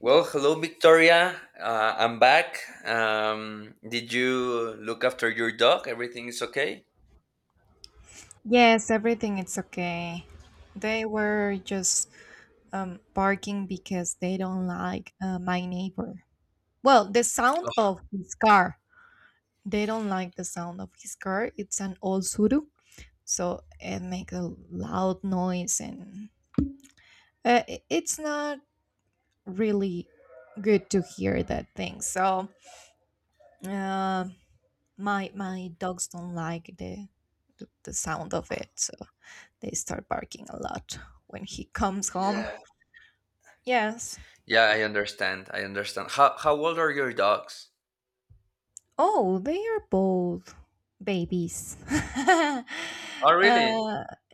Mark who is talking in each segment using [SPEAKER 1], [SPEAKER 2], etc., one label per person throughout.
[SPEAKER 1] Well, hello, Victoria. I'm back. Did you look after your dog? Everything is okay?
[SPEAKER 2] Yes, everything it's okay. They were just barking because they don't like my neighbor. Well, the sound
[SPEAKER 1] Oh,
[SPEAKER 2] of his car. They don't like the sound of his car. It's an old Suru, so it makes a loud noise, and it's not really good to hear that thing. So uh, my dogs don't like the sound of it, so they start barking a lot when he comes home.
[SPEAKER 1] yeah.
[SPEAKER 2] Yes.
[SPEAKER 1] Yeah, I understand. I understand. How old are your dogs?
[SPEAKER 2] Oh, they are both babies.
[SPEAKER 1] Oh, really?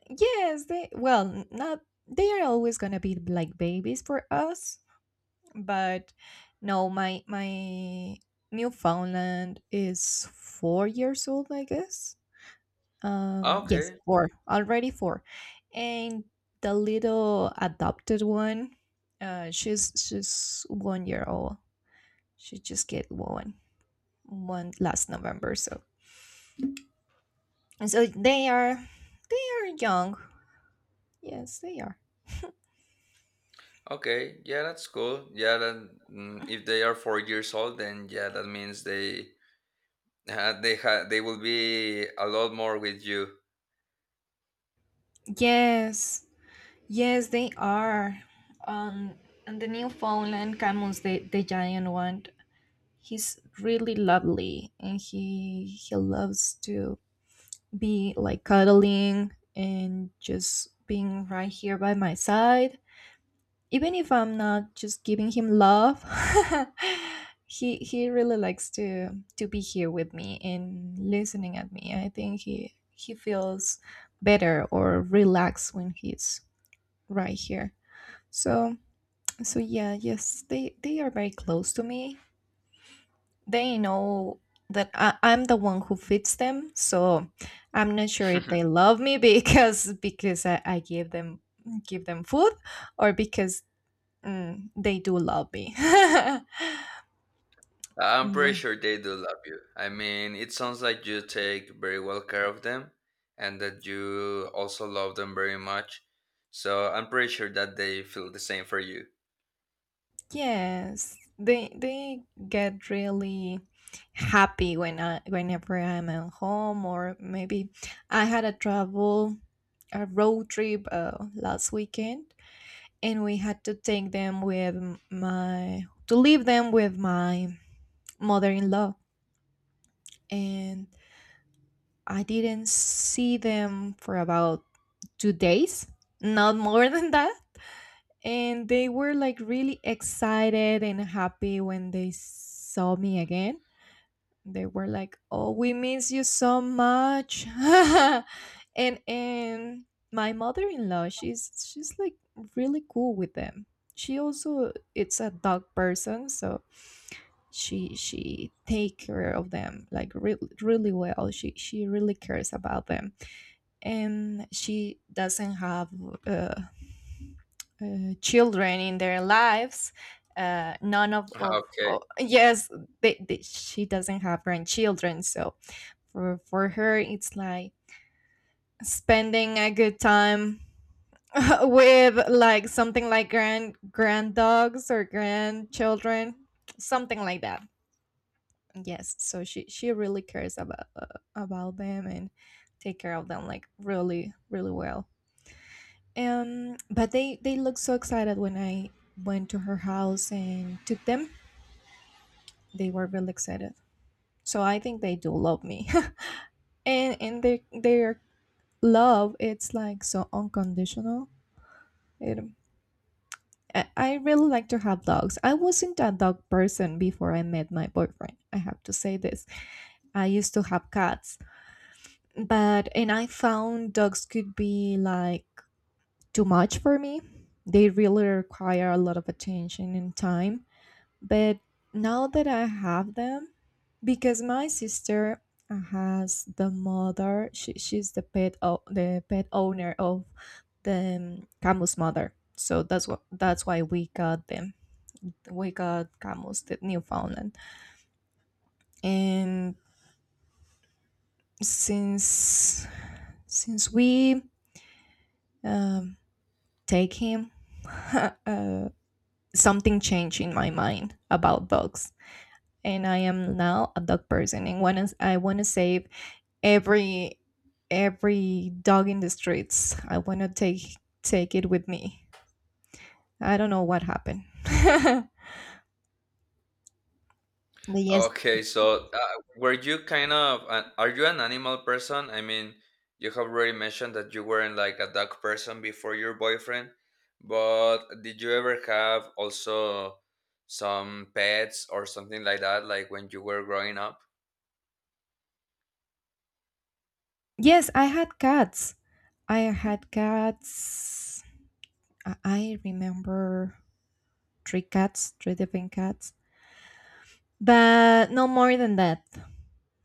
[SPEAKER 2] yes, they, well, n- not, they are always gonna be like babies for us, but no, my Newfoundland is 4 years old, I guess.
[SPEAKER 1] Ah,
[SPEAKER 2] Yes,
[SPEAKER 1] okay.
[SPEAKER 2] four, already four. And the little adopted one, she's 1 year old. She just get one. One last November. So and so they are young. Yes, they are.
[SPEAKER 1] Okay. Yeah, that's cool. Yeah, then if they are 4 years old, then yeah, that means they will be a lot more with you.
[SPEAKER 2] Yes, yes, they are. Um, and the Newfoundland Camus, the giant one, he's really lovely, and he loves to be like cuddling and just being right here by my side. Even if I'm not just giving him love, he really likes to be here with me and listening at me. I think he feels better or relaxed when he's right here. So so yeah, yes, they are very close to me. They know that I'm the one who fits them. So I'm not sure if they love me because I give them food or because mm, they do love me.
[SPEAKER 1] I'm
[SPEAKER 2] Yeah.
[SPEAKER 1] pretty sure they do love you. I mean, it sounds like you take very well care of them and that you also love them very much. So I'm pretty sure that they feel the same for you.
[SPEAKER 2] Yes. They get really happy whenever I'm at home or maybe I had a road trip last weekend and we had to take them with m- my to leave them with my mother-in-law and I didn't see them for about 2 days, not more than that. And they were like really excited and happy when they saw me again. They were like, oh, we miss you so much. And my mother-in-law, she's like really cool with them. She also it's a dog person, so she take care of them like really really well. She really cares about them, and she doesn't have uh, children in their lives. None of,
[SPEAKER 1] Okay.
[SPEAKER 2] of yes, she doesn't have grandchildren, so for her it's like spending a good time with like something like grand dogs or grandchildren, something like that. Yes, so she really cares about them and take care of them like really really well. But they looked so excited when I went to her house and took them. They were really excited. So I think they do love me. And their love it's like so unconditional. It, I really like to have dogs. I wasn't a dog person before I met my boyfriend. I have to say this. I used to have cats, but and I found dogs could be like too much for me. They really require a lot of attention and time. But now that I have them, because my sister has the mother, she's the pet owner of the Camus mother. So that's why we got them. We got Camus, the Newfoundland, and since since we um, take him, uh, something changed in my mind about dogs, and I am now a dog person. And when I want to save. every every dog in the streets. I want to take it with me. I don't know what happened. But yes,
[SPEAKER 1] Okay. So were you are you an animal person? I mean, you have already mentioned that you weren't like a dog person before your boyfriend, but did you ever have also some pets or something like that, like when you were growing up?
[SPEAKER 2] yes, I had cats. I had cats. I remember three cats, three different cats, but no more than that.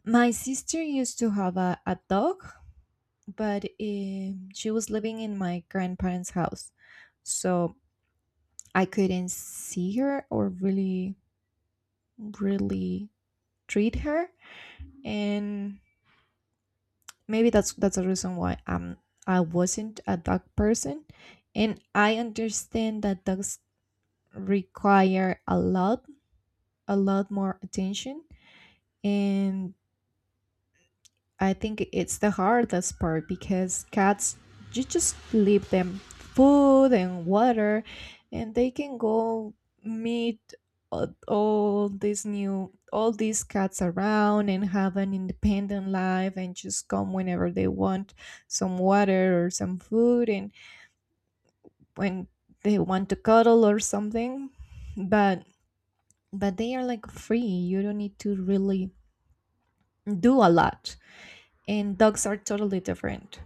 [SPEAKER 2] My sister used to have a dog, but she was living in my grandparents' house, so I couldn't see her or really, really treat her, and maybe that's the reason why I wasn't a dog person. And I understand that dogs require a lot, a lot more attention. And I think it's the hardest part because cats, you just leave them food and water, and they can go meet all these new, all these cats around and have an independent life and just come whenever they want some water or some food, and when they want to cuddle or something. but but they are like free, you don't need to really do a lot. And dogs are totally different.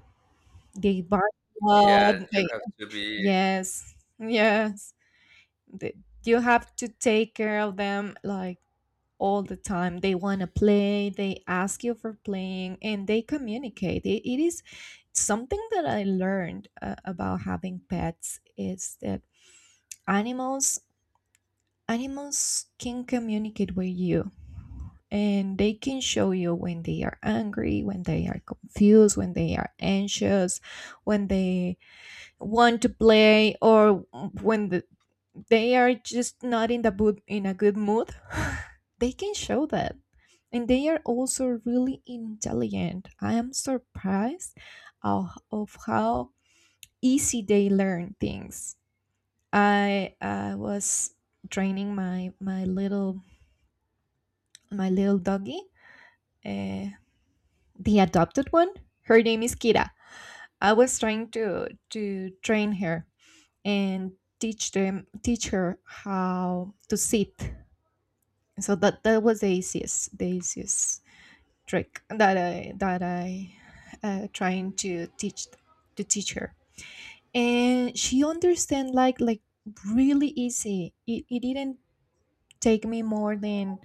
[SPEAKER 2] They bark a
[SPEAKER 1] Yeah,
[SPEAKER 2] lot.
[SPEAKER 1] you
[SPEAKER 2] They,
[SPEAKER 1] have to be.
[SPEAKER 2] yes, yes. They, you have to take care of them like all the time. They want to play. They ask you for playing, and they communicate. It is something that I learned about having pets is that animals animals can communicate with you, and they can show you when they are angry, when they are confused, when they are anxious, when they want to play, or when they are just not in the boot in a good mood. They can show that, and they are also really intelligent. I am surprised of how easy they learn things. I was training my little, my little doggy, uh, the adopted one. Her name is Kira. I was trying to train her and teach her how to sit. So that was the easiest trick that I trying to teach her. And she understand like really easy. It didn't take me more than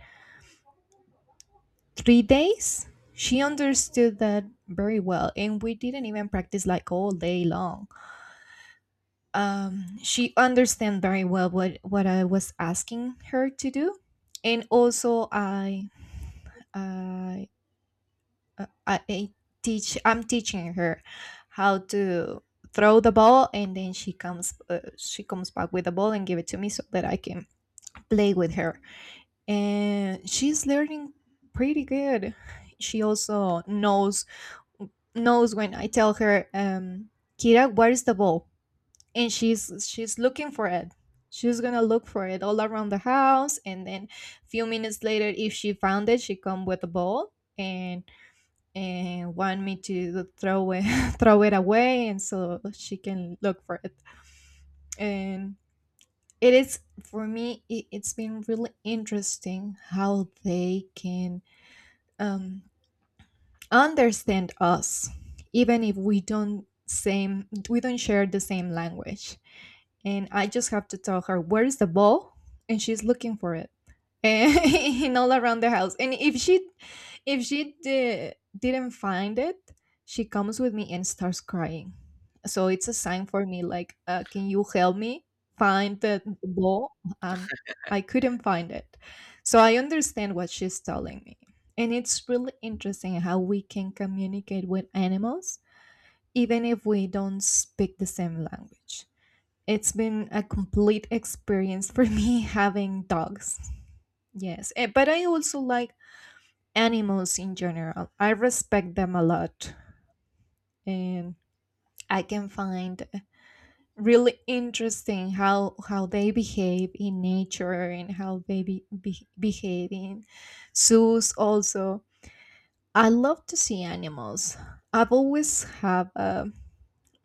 [SPEAKER 2] 3 days. She understood that very well, and we didn't even practice like all day long. Um, she understand very well what I was asking her to do. And also I I teach I'm teaching her how to throw the ball, and then she comes back with the ball and give it to me so that I can play with her, and she's learning pretty good. She also knows when I tell her, Kira, where is the ball? And she's looking for it. She's gonna look for it all around the house, and then a few minutes later, if she found it, she come with a ball and want me to throw it throw it away, and so she can look for it. And it is for me, it, it's been really interesting how they can um, understand us, even if we don't share the same language. And I just have to tell her, where is the ball, and she's looking for it, and and all around the house. And if she, if she didn't find it, she comes with me and starts crying. So it's a sign for me, like, can you help me find the ball? Um, I couldn't find it, so I understand what she's telling me. And it's really interesting how we can communicate with animals, even if we don't speak the same language. It's been a complete experience for me having dogs. Yes, eh, but I also like animals in general. I respect them a lot, and I can find really interesting how they behave in nature and how they behave in zoos. Also, I love to see animals. I've always have a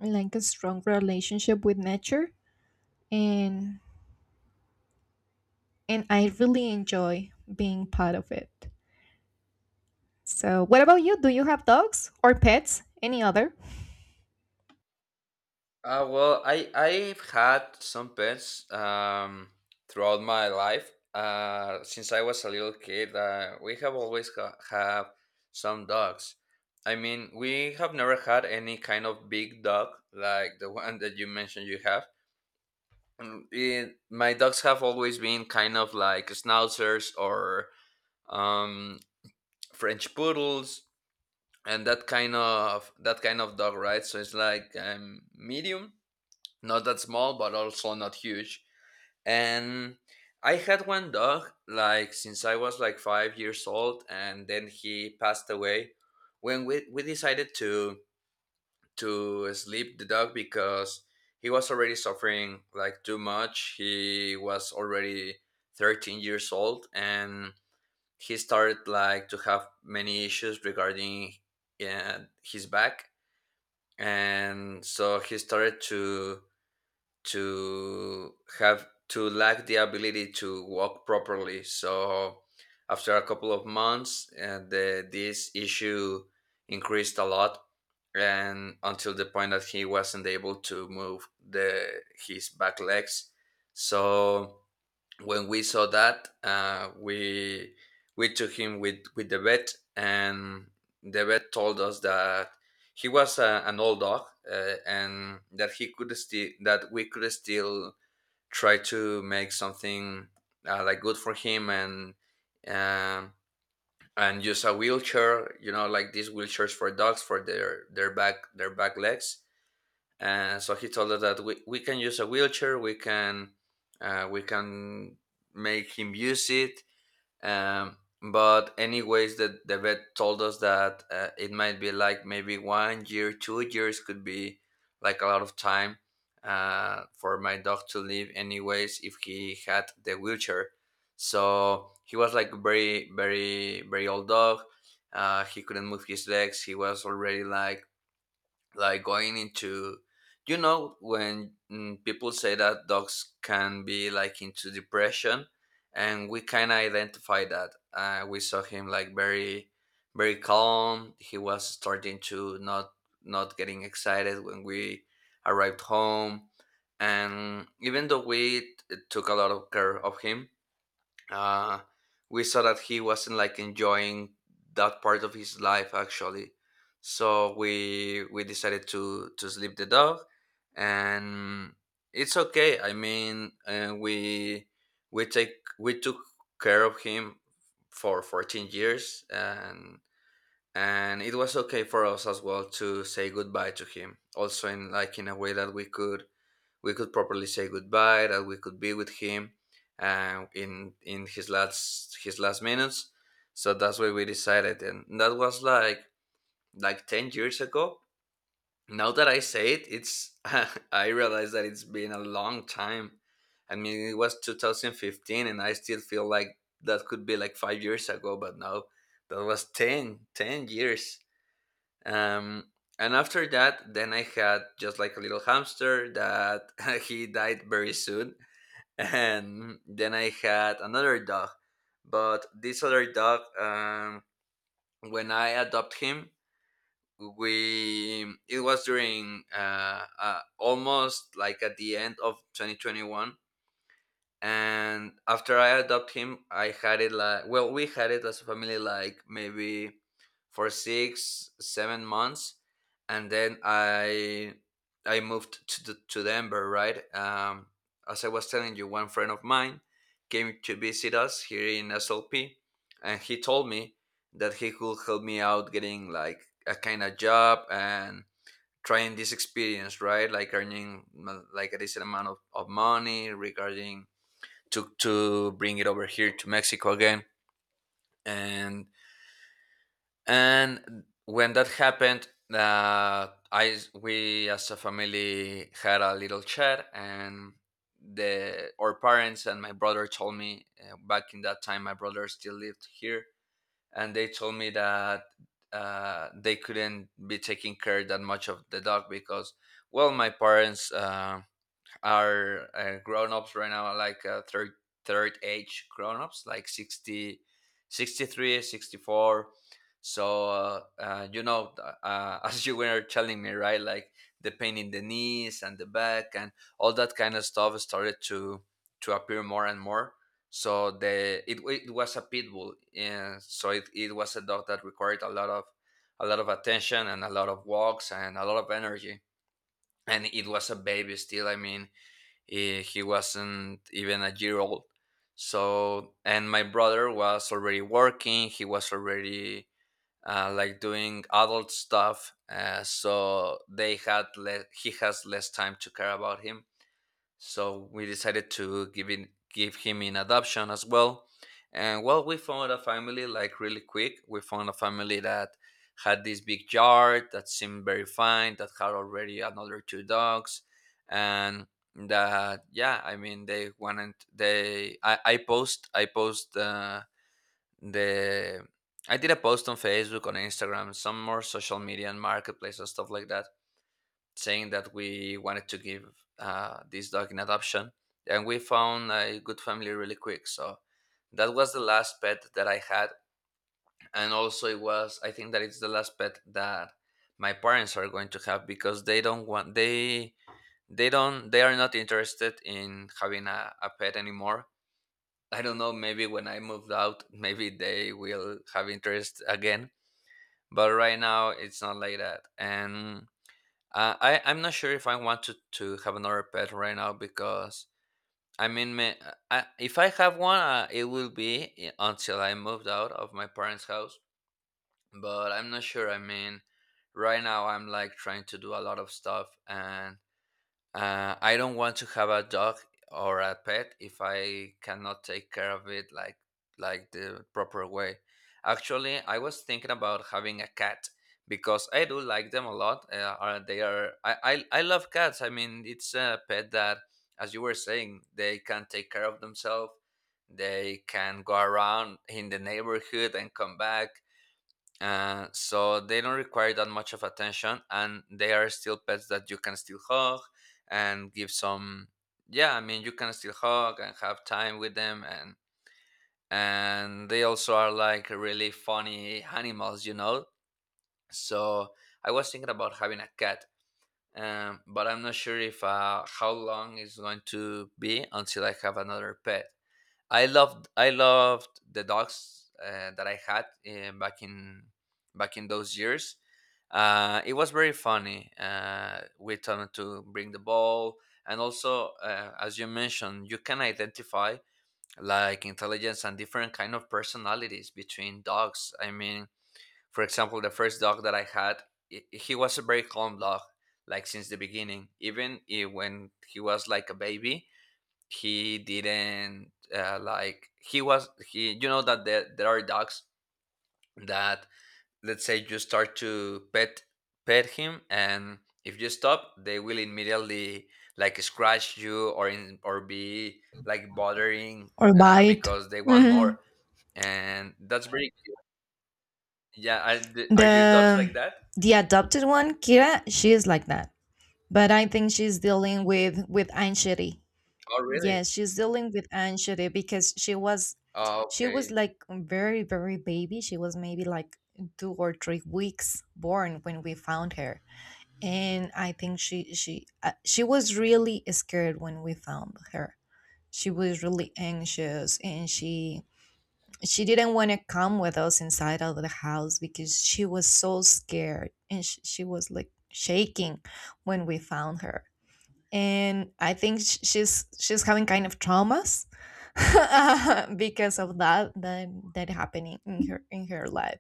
[SPEAKER 2] like a strong relationship with nature, and I really enjoy being part of it. So, what about you? Do you have dogs or pets? Any other?
[SPEAKER 1] Well, I've had some pets throughout my life. Since I was a little kid, we have always have some dogs. I mean, we have never had any kind of big dog like the one that you mentioned you have. Mm, it- my dogs have always been kind of like schnauzers, or um, French poodles, and that kind of dog, right? So it's like medium, not that small but also not huge, and I had one dog like since I was like 5 years old, and then he passed away when we decided to sleep the dog, because he was already suffering like too much. He was already 13 years old, and he started like to have many issues regarding his back. And so he started to have to lack the ability to walk properly. So after a couple of months, this issue increased a lot, and until the point that he wasn't able to move the his back legs. So when we saw that, we took him with the vet, and the vet told us that he was an old dog, and that he could still, that we could still try to make something like good for him. And Um, and use a wheelchair, you know, like these wheelchairs for dogs for their back, legs. And so he told us that we can use a wheelchair. We can we can make him use it. Um, but anyways, the vet told us that it might be like maybe 1 year, 2 years could be like a lot of time for my dog to live anyways if he had the wheelchair. So he was like very, very, very old dog. Uh, he couldn't move his legs. He was already like going into, you know, when people say that dogs can be like into depression. And we kind of identify that. We saw him like very, very calm. He was starting to not, not getting excited when we arrived home. And even though we took a lot of care of him, uh, we saw that he wasn't like enjoying that part of his life actually. So we decided to sleep the dog. And it's okay. I mean, we take we took care of him for 14 years, and it was okay for us as well to say goodbye to him, also in like in a way that we could, we could properly say goodbye, that we could be with him in his last, minutes. So that's why we decided, and that was like 10 years ago. Now that I say it, it's I realize that it's been a long time. I mean, it was 2015, and I still feel like that could be like 5 years ago, but now that was 10 years. Um, and after that, then I had just like a little hamster that he died very soon. And then I had another dog. But this other dog, when I adopt him, we it was during almost like at the end of 2021. And after I adopt him, I had it, like, well, we had it as a family like maybe for 6, 7 months And then I moved to Denver, right? As I was telling you, one friend of mine came to visit us here in SLP, and he told me that he could help me out getting like a kind of job, and trying this experience, right, like earning like a decent amount of money regarding to bring it over here to Mexico again. And when that happened, I we as a family had a little chat, and the our parents and my brother told me, back in that time my brother still lived here, and they told me that they couldn't be taking care that much of the dog, because well, my parents, are grown-ups right now, like third age grown-ups, like 60, 63, 64. So you know, as you were telling me, right, like the pain in the knees and the back and all that kind of stuff started to appear more and more. So the it, it was a pit bull, and so it was a dog that required a lot of, a lot of attention and a lot of walks and a lot of energy. And it was a baby still, I mean, eh, he wasn't even a year old. So, and my brother was already working. He was already like doing adult stuff. So they had he has less time to care about him. So we decided to give him in adoption as well. And well, we found a family like really quick. We found a family that had this big yard that seemed very fine, that had already another two dogs, and that, yeah, I mean, they wanted, I post, I post the I did a post on Facebook, on Instagram, some more social media and marketplace and stuff like that, saying that we wanted to give this dog in adoption, and we found a good family really quick. So that was the last pet that I had, and also it was, I think that it's the last pet that my parents are going to have, because they don't, they are not interested in having a pet anymore. I don't know, maybe when I moved out, maybe they will have interest again. But right now it's not like that. And I'm not sure if I want to have another pet right now, because I mean, ma, I, if I have one, it will be until I moved out of my parents' house. But I'm not sure. I mean, right now I'm like trying to do a lot of stuff, and I don't want to have a dog or a pet if I cannot take care of it like the proper way. Actually, I was thinking about having a cat, because I do like them a lot. They are, I love cats. I mean, it's a pet that, as you were saying, they can take care of themselves. They can go around in the neighborhood and come back. So they don't require that much of attention, and they are still pets that you can still hug and give some, yeah, I mean, you can still hug and have time with them. And they also are like really funny animals, you know. So I was thinking about having a cat. Um, but I'm not sure if how long it's going to be until I have another pet. I loved the dogs that I had back in those years. It was very funny. We tend to bring the ball. And also, as you mentioned, you can identify like intelligence and different kind of personalities between dogs. I mean, for example, the first dog that I had, he was a very calm dog, like since the beginning. Even when he was like a baby, he didn't, like, he was he you know that there are dogs that, let's say, you start to pet him, and if you stop, they will immediately like scratch you, or in, or be like bothering
[SPEAKER 2] Or bite.
[SPEAKER 1] because they want
[SPEAKER 2] Mhm.
[SPEAKER 1] more. And that's very, yeah. Are, are your dogs
[SPEAKER 2] The
[SPEAKER 1] like that?
[SPEAKER 2] the adopted one, Kira, she is like that. But I think she's dealing with anxiety.
[SPEAKER 1] Oh, really?
[SPEAKER 2] Yes, she's dealing with anxiety because
[SPEAKER 1] Oh,
[SPEAKER 2] she was
[SPEAKER 1] okay.
[SPEAKER 2] like very very baby. She was maybe like 2 or 3 weeks born when we found her. And I think she was really scared when we found her. She was really anxious, and she didn't want to come with us inside of the house because she was so scared, and she was like shaking when we found her. And I think she's having kind of traumas because of that that happening in her life.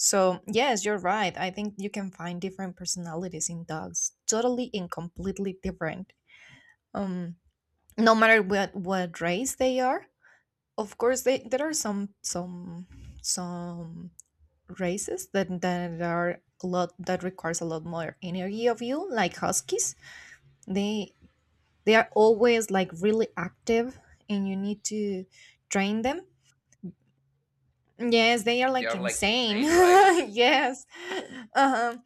[SPEAKER 2] So, yes, you're right. I think you can find different personalities in dogs, totally and completely different. Um, no matter what race they are. Of course, they, there are some races that that are a lot that requires a lot more energy of you, like huskies. They they are always like really active, and you need to train them. Yes, they are
[SPEAKER 1] They
[SPEAKER 2] like
[SPEAKER 1] are like
[SPEAKER 2] insane.
[SPEAKER 1] insane, right?
[SPEAKER 2] Yes. Uh-huh.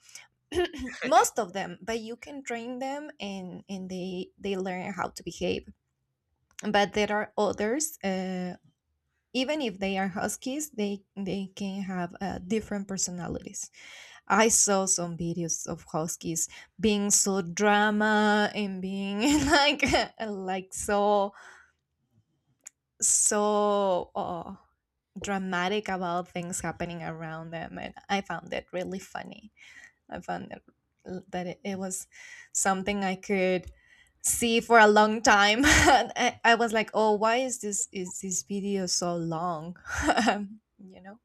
[SPEAKER 2] Most of them, but you can train them, and they learn how to behave. But there are others, even if they are huskies, they can have different personalities. I saw some videos of huskies being so drama and being like like so so dramatic about things happening around them, and I found that really funny. I found that it was something I could see for a long time. And I was like, oh, why is this video so long? Um, you know.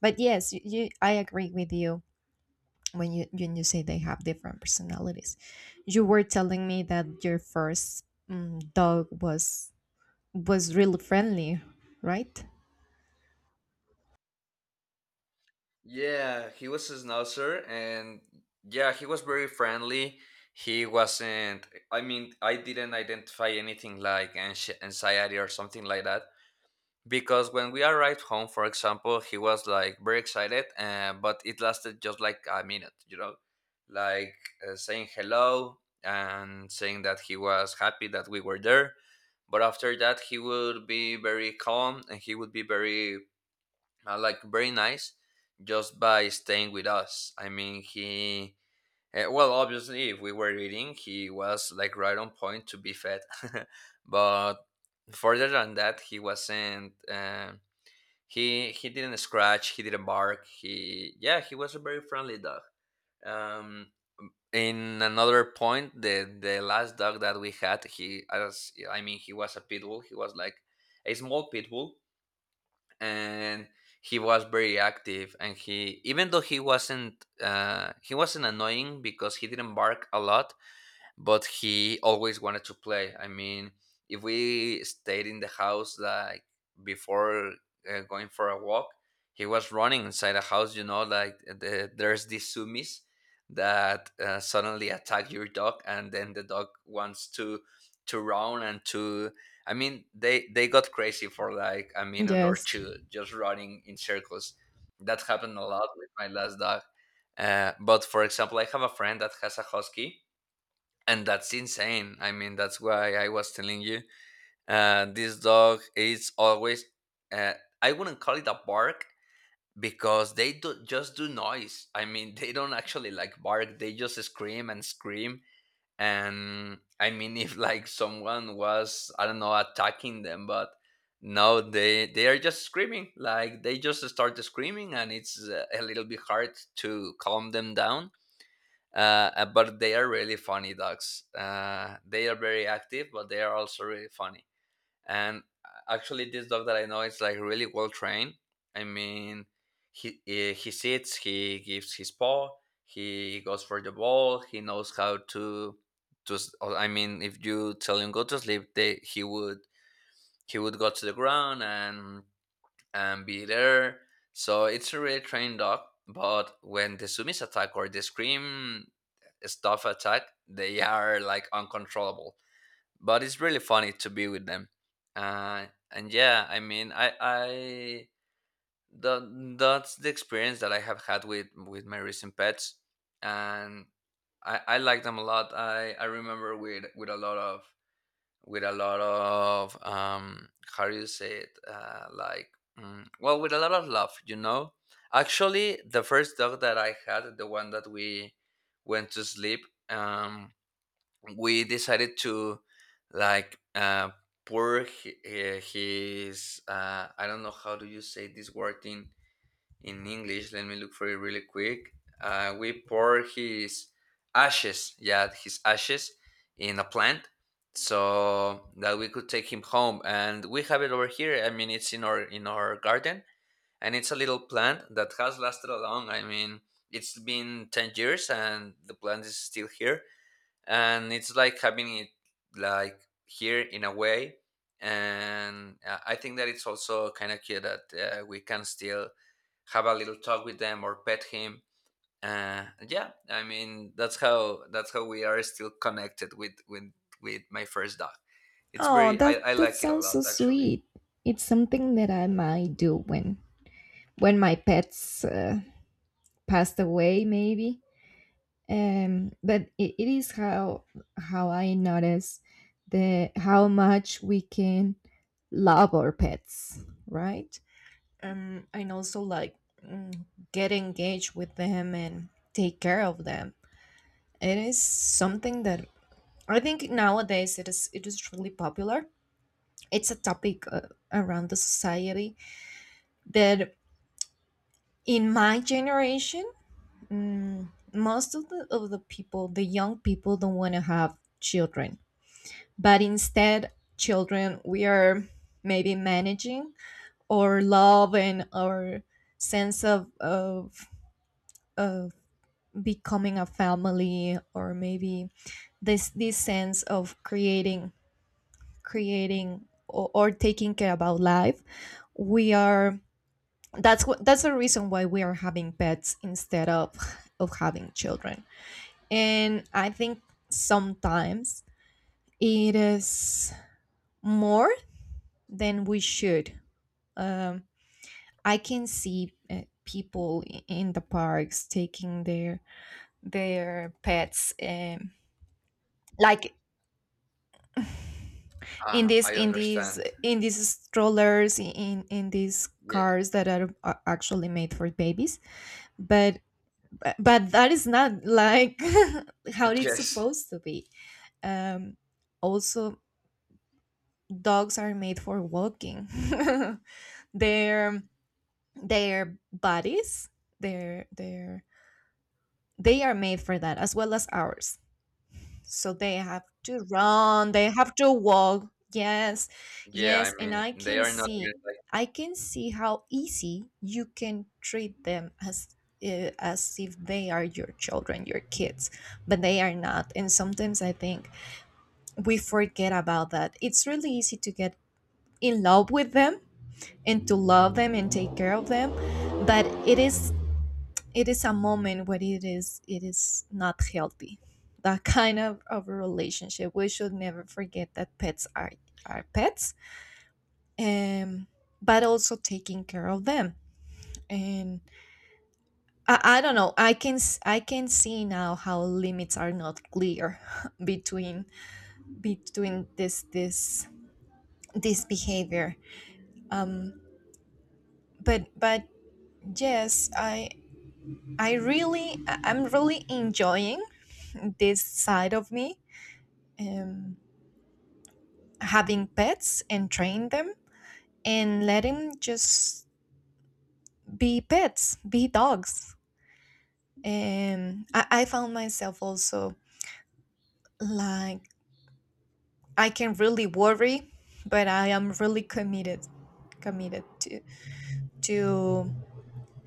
[SPEAKER 2] But yes, you, I agree with you when you say they have different personalities. You were telling me that your first dog was really friendly, right?
[SPEAKER 1] Yeah, he was a schnauzer, and yeah, he was very friendly. He wasn't, I mean, I didn't identify anything like anxiety or something like that. Because when we arrived home, for example, he was like very excited, but it lasted just like a minute, like saying hello and saying that he was happy that we were there. But after that, he would be very calm and he would be very like very nice just by staying with us. I mean, he well, obviously if we were eating, he was like right on point to be fed. But further than that, he wasn't he didn't scratch, he didn't bark, he, yeah, he was a very friendly dog. um in another point, the last dog that we had, he, as I mean he was a pit bull. He was like a small pit bull, and he was very active. And he, even though he wasn't annoying because he didn't bark a lot, but he always wanted to play. I mean, if we stayed in the house, like before going for a walk, he was running inside the house. You know, like there's these sumis that suddenly attack your dog, and then the dog wants to run and to. I mean, they got crazy for like a minute or
[SPEAKER 2] Yes.
[SPEAKER 1] two, just running in circles. That happened a lot with my last dog. But for example, I have a friend that has a husky, and that's insane. I mean, that's why I was telling you, this dog is always uh, I wouldn't call it a bark because they do just do noise. I mean, they don't actually like bark, they just scream and scream. And I mean, if like someone was, I don't know, attacking them, but no, they are just screaming, like they just start screaming. And it's a little bit hard to calm them down. uh, but they are really funny dogs. They are very active, but they are also really funny. And actually, this dog that I know is like really well trained. I mean, he sits, he gives his paw, he goes for the ball, he knows how to I mean, if you tell him go to sleep, they he would, he would go to the ground and be there. So it's a really trained dog. But when the Sumis attack or the Scream stuff attack, they are like uncontrollable. But it's really funny to be with them. And yeah, I mean, that's the experience that I have had with my recent pets. And I like them a lot. I remember with a lot of with a lot of how do you say it, like well, with a lot of love, you know. Actually, the first dog that I had, the one that we went to sleep, um we decided to, like, pour his, I don't know how do you say this word in English. Let me look for it really quick. We pour his ashes, yeah, his ashes in a plant so that we could take him home. And we have it over here. I mean, it's in our garden, and it's a little plant that has lasted a long. I mean, it's been 10 years, and the plant is still here, and it's like having it, like, here in a way. And I think that it's also kind of cute that we can still have a little talk with them or pet him. Yeah, I mean, that's how we are still connected with my first dog. It's
[SPEAKER 2] Oh,
[SPEAKER 1] very,
[SPEAKER 2] that
[SPEAKER 1] I
[SPEAKER 2] that
[SPEAKER 1] like it a
[SPEAKER 2] sounds
[SPEAKER 1] lot,
[SPEAKER 2] so
[SPEAKER 1] actually.
[SPEAKER 2] sweet. It's something that I might do when my pets passed away, maybe. But it is how I notice the how much we can love our pets, right? And also like mm, get engaged with them and take care of them. It is something that I think nowadays it is really popular. It's a topic around the society that in my generation, Mm, most of the people, the young people, don't want to have children, but instead, children, we are maybe managing our love and our sense of becoming a family, or maybe this sense of creating creating or taking care about life. We are, that's what, that's the reason why we are having pets instead of having children. And I think sometimes it is more than we should. Um, I can see people in the parks taking their pets, like in this
[SPEAKER 1] I
[SPEAKER 2] in these
[SPEAKER 1] understand.
[SPEAKER 2] in these strollers in these
[SPEAKER 1] Yeah.
[SPEAKER 2] cars that are actually made for babies. But but that is not like how it's
[SPEAKER 1] Yes.
[SPEAKER 2] supposed to be. Um, also, dogs are made for walking. their their bodies, their they are made for that as well as ours. So they have to run, they have to walk. Yes.
[SPEAKER 1] Yeah, I
[SPEAKER 2] Yes, and
[SPEAKER 1] mean,
[SPEAKER 2] I
[SPEAKER 1] they
[SPEAKER 2] can
[SPEAKER 1] are not
[SPEAKER 2] see,
[SPEAKER 1] like.
[SPEAKER 2] I can see how easy you can treat them as if they are your children, your kids, but they are not. And sometimes I think we forget about that. It's really easy to get in love with them and to love them and take care of them, but it is, it is a moment where it is not healthy that kind of a relationship. We should never forget that pets are pets. um but also taking care of them, and I don't know, I can s- I can see now how limits are not clear between between this this behavior. um but yes, I really, I am really enjoying this side of me, um, having pets and train them and let them just be pets, be dogs. I found myself also like I can really worry, but I am really committed, committed to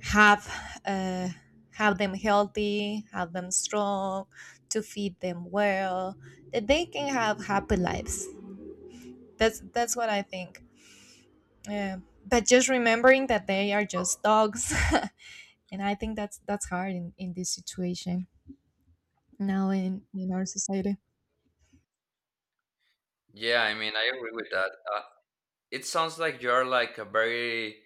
[SPEAKER 2] have uh, have them healthy, have them strong, to feed them well, that they can have happy lives. That's what I think. Yeah. But just remembering that they are
[SPEAKER 1] Oh,
[SPEAKER 2] just dogs. And I think that's hard in this situation now in our society.
[SPEAKER 1] yeah, I mean, I agree with that. It sounds like you're like a very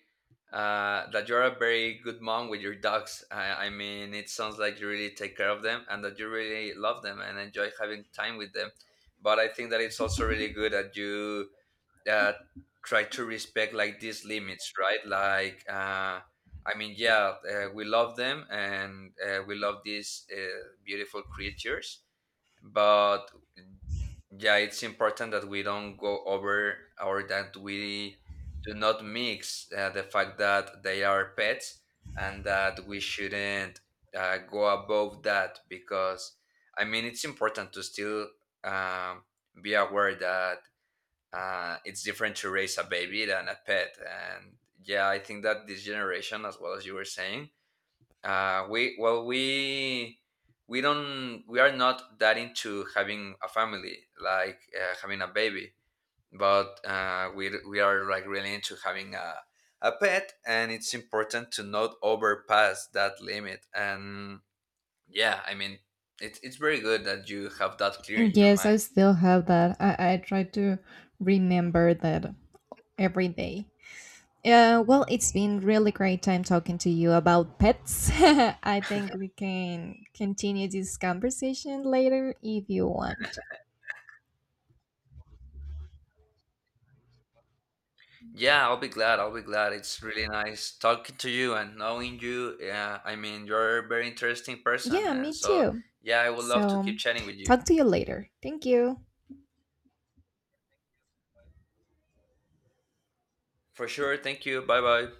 [SPEAKER 1] that you're a very good mom with your dogs. I mean, it sounds like you really take care of them and that you really love them and enjoy having time with them. But I think that it's also really good that you uh, try to respect like these limits, right? Like, I mean, yeah, we love them, and we love these beautiful creatures. But yeah, it's important that we don't go over, or that we do not mix the fact that they are pets and that we shouldn't go above that. Because I mean, it's important to still um, be aware that it's different to raise a baby than a pet. And yeah, I think that this generation, as well as you were saying, uh, we well we we don't we are not that into having a family, like having a baby, but we are like really into having a pet. And it's important to not overpass that limit. And yeah, I mean, it's very good that you have that clear in your
[SPEAKER 2] Yes,
[SPEAKER 1] mind.
[SPEAKER 2] I still have that. I try to remember that every day. Well, it's been really great time talking to you about pets. I think we can continue this conversation later if you want.
[SPEAKER 1] Yeah, I'll be glad. I'll be glad. It's really nice talking to you and knowing you. Yeah, I mean, you're a very interesting person.
[SPEAKER 2] Yeah,
[SPEAKER 1] And
[SPEAKER 2] me
[SPEAKER 1] so,
[SPEAKER 2] too.
[SPEAKER 1] yeah, I would love to
[SPEAKER 2] So,
[SPEAKER 1] keep chatting with you.
[SPEAKER 2] talk to you later. Thank you.
[SPEAKER 1] For sure. Thank you. Bye bye.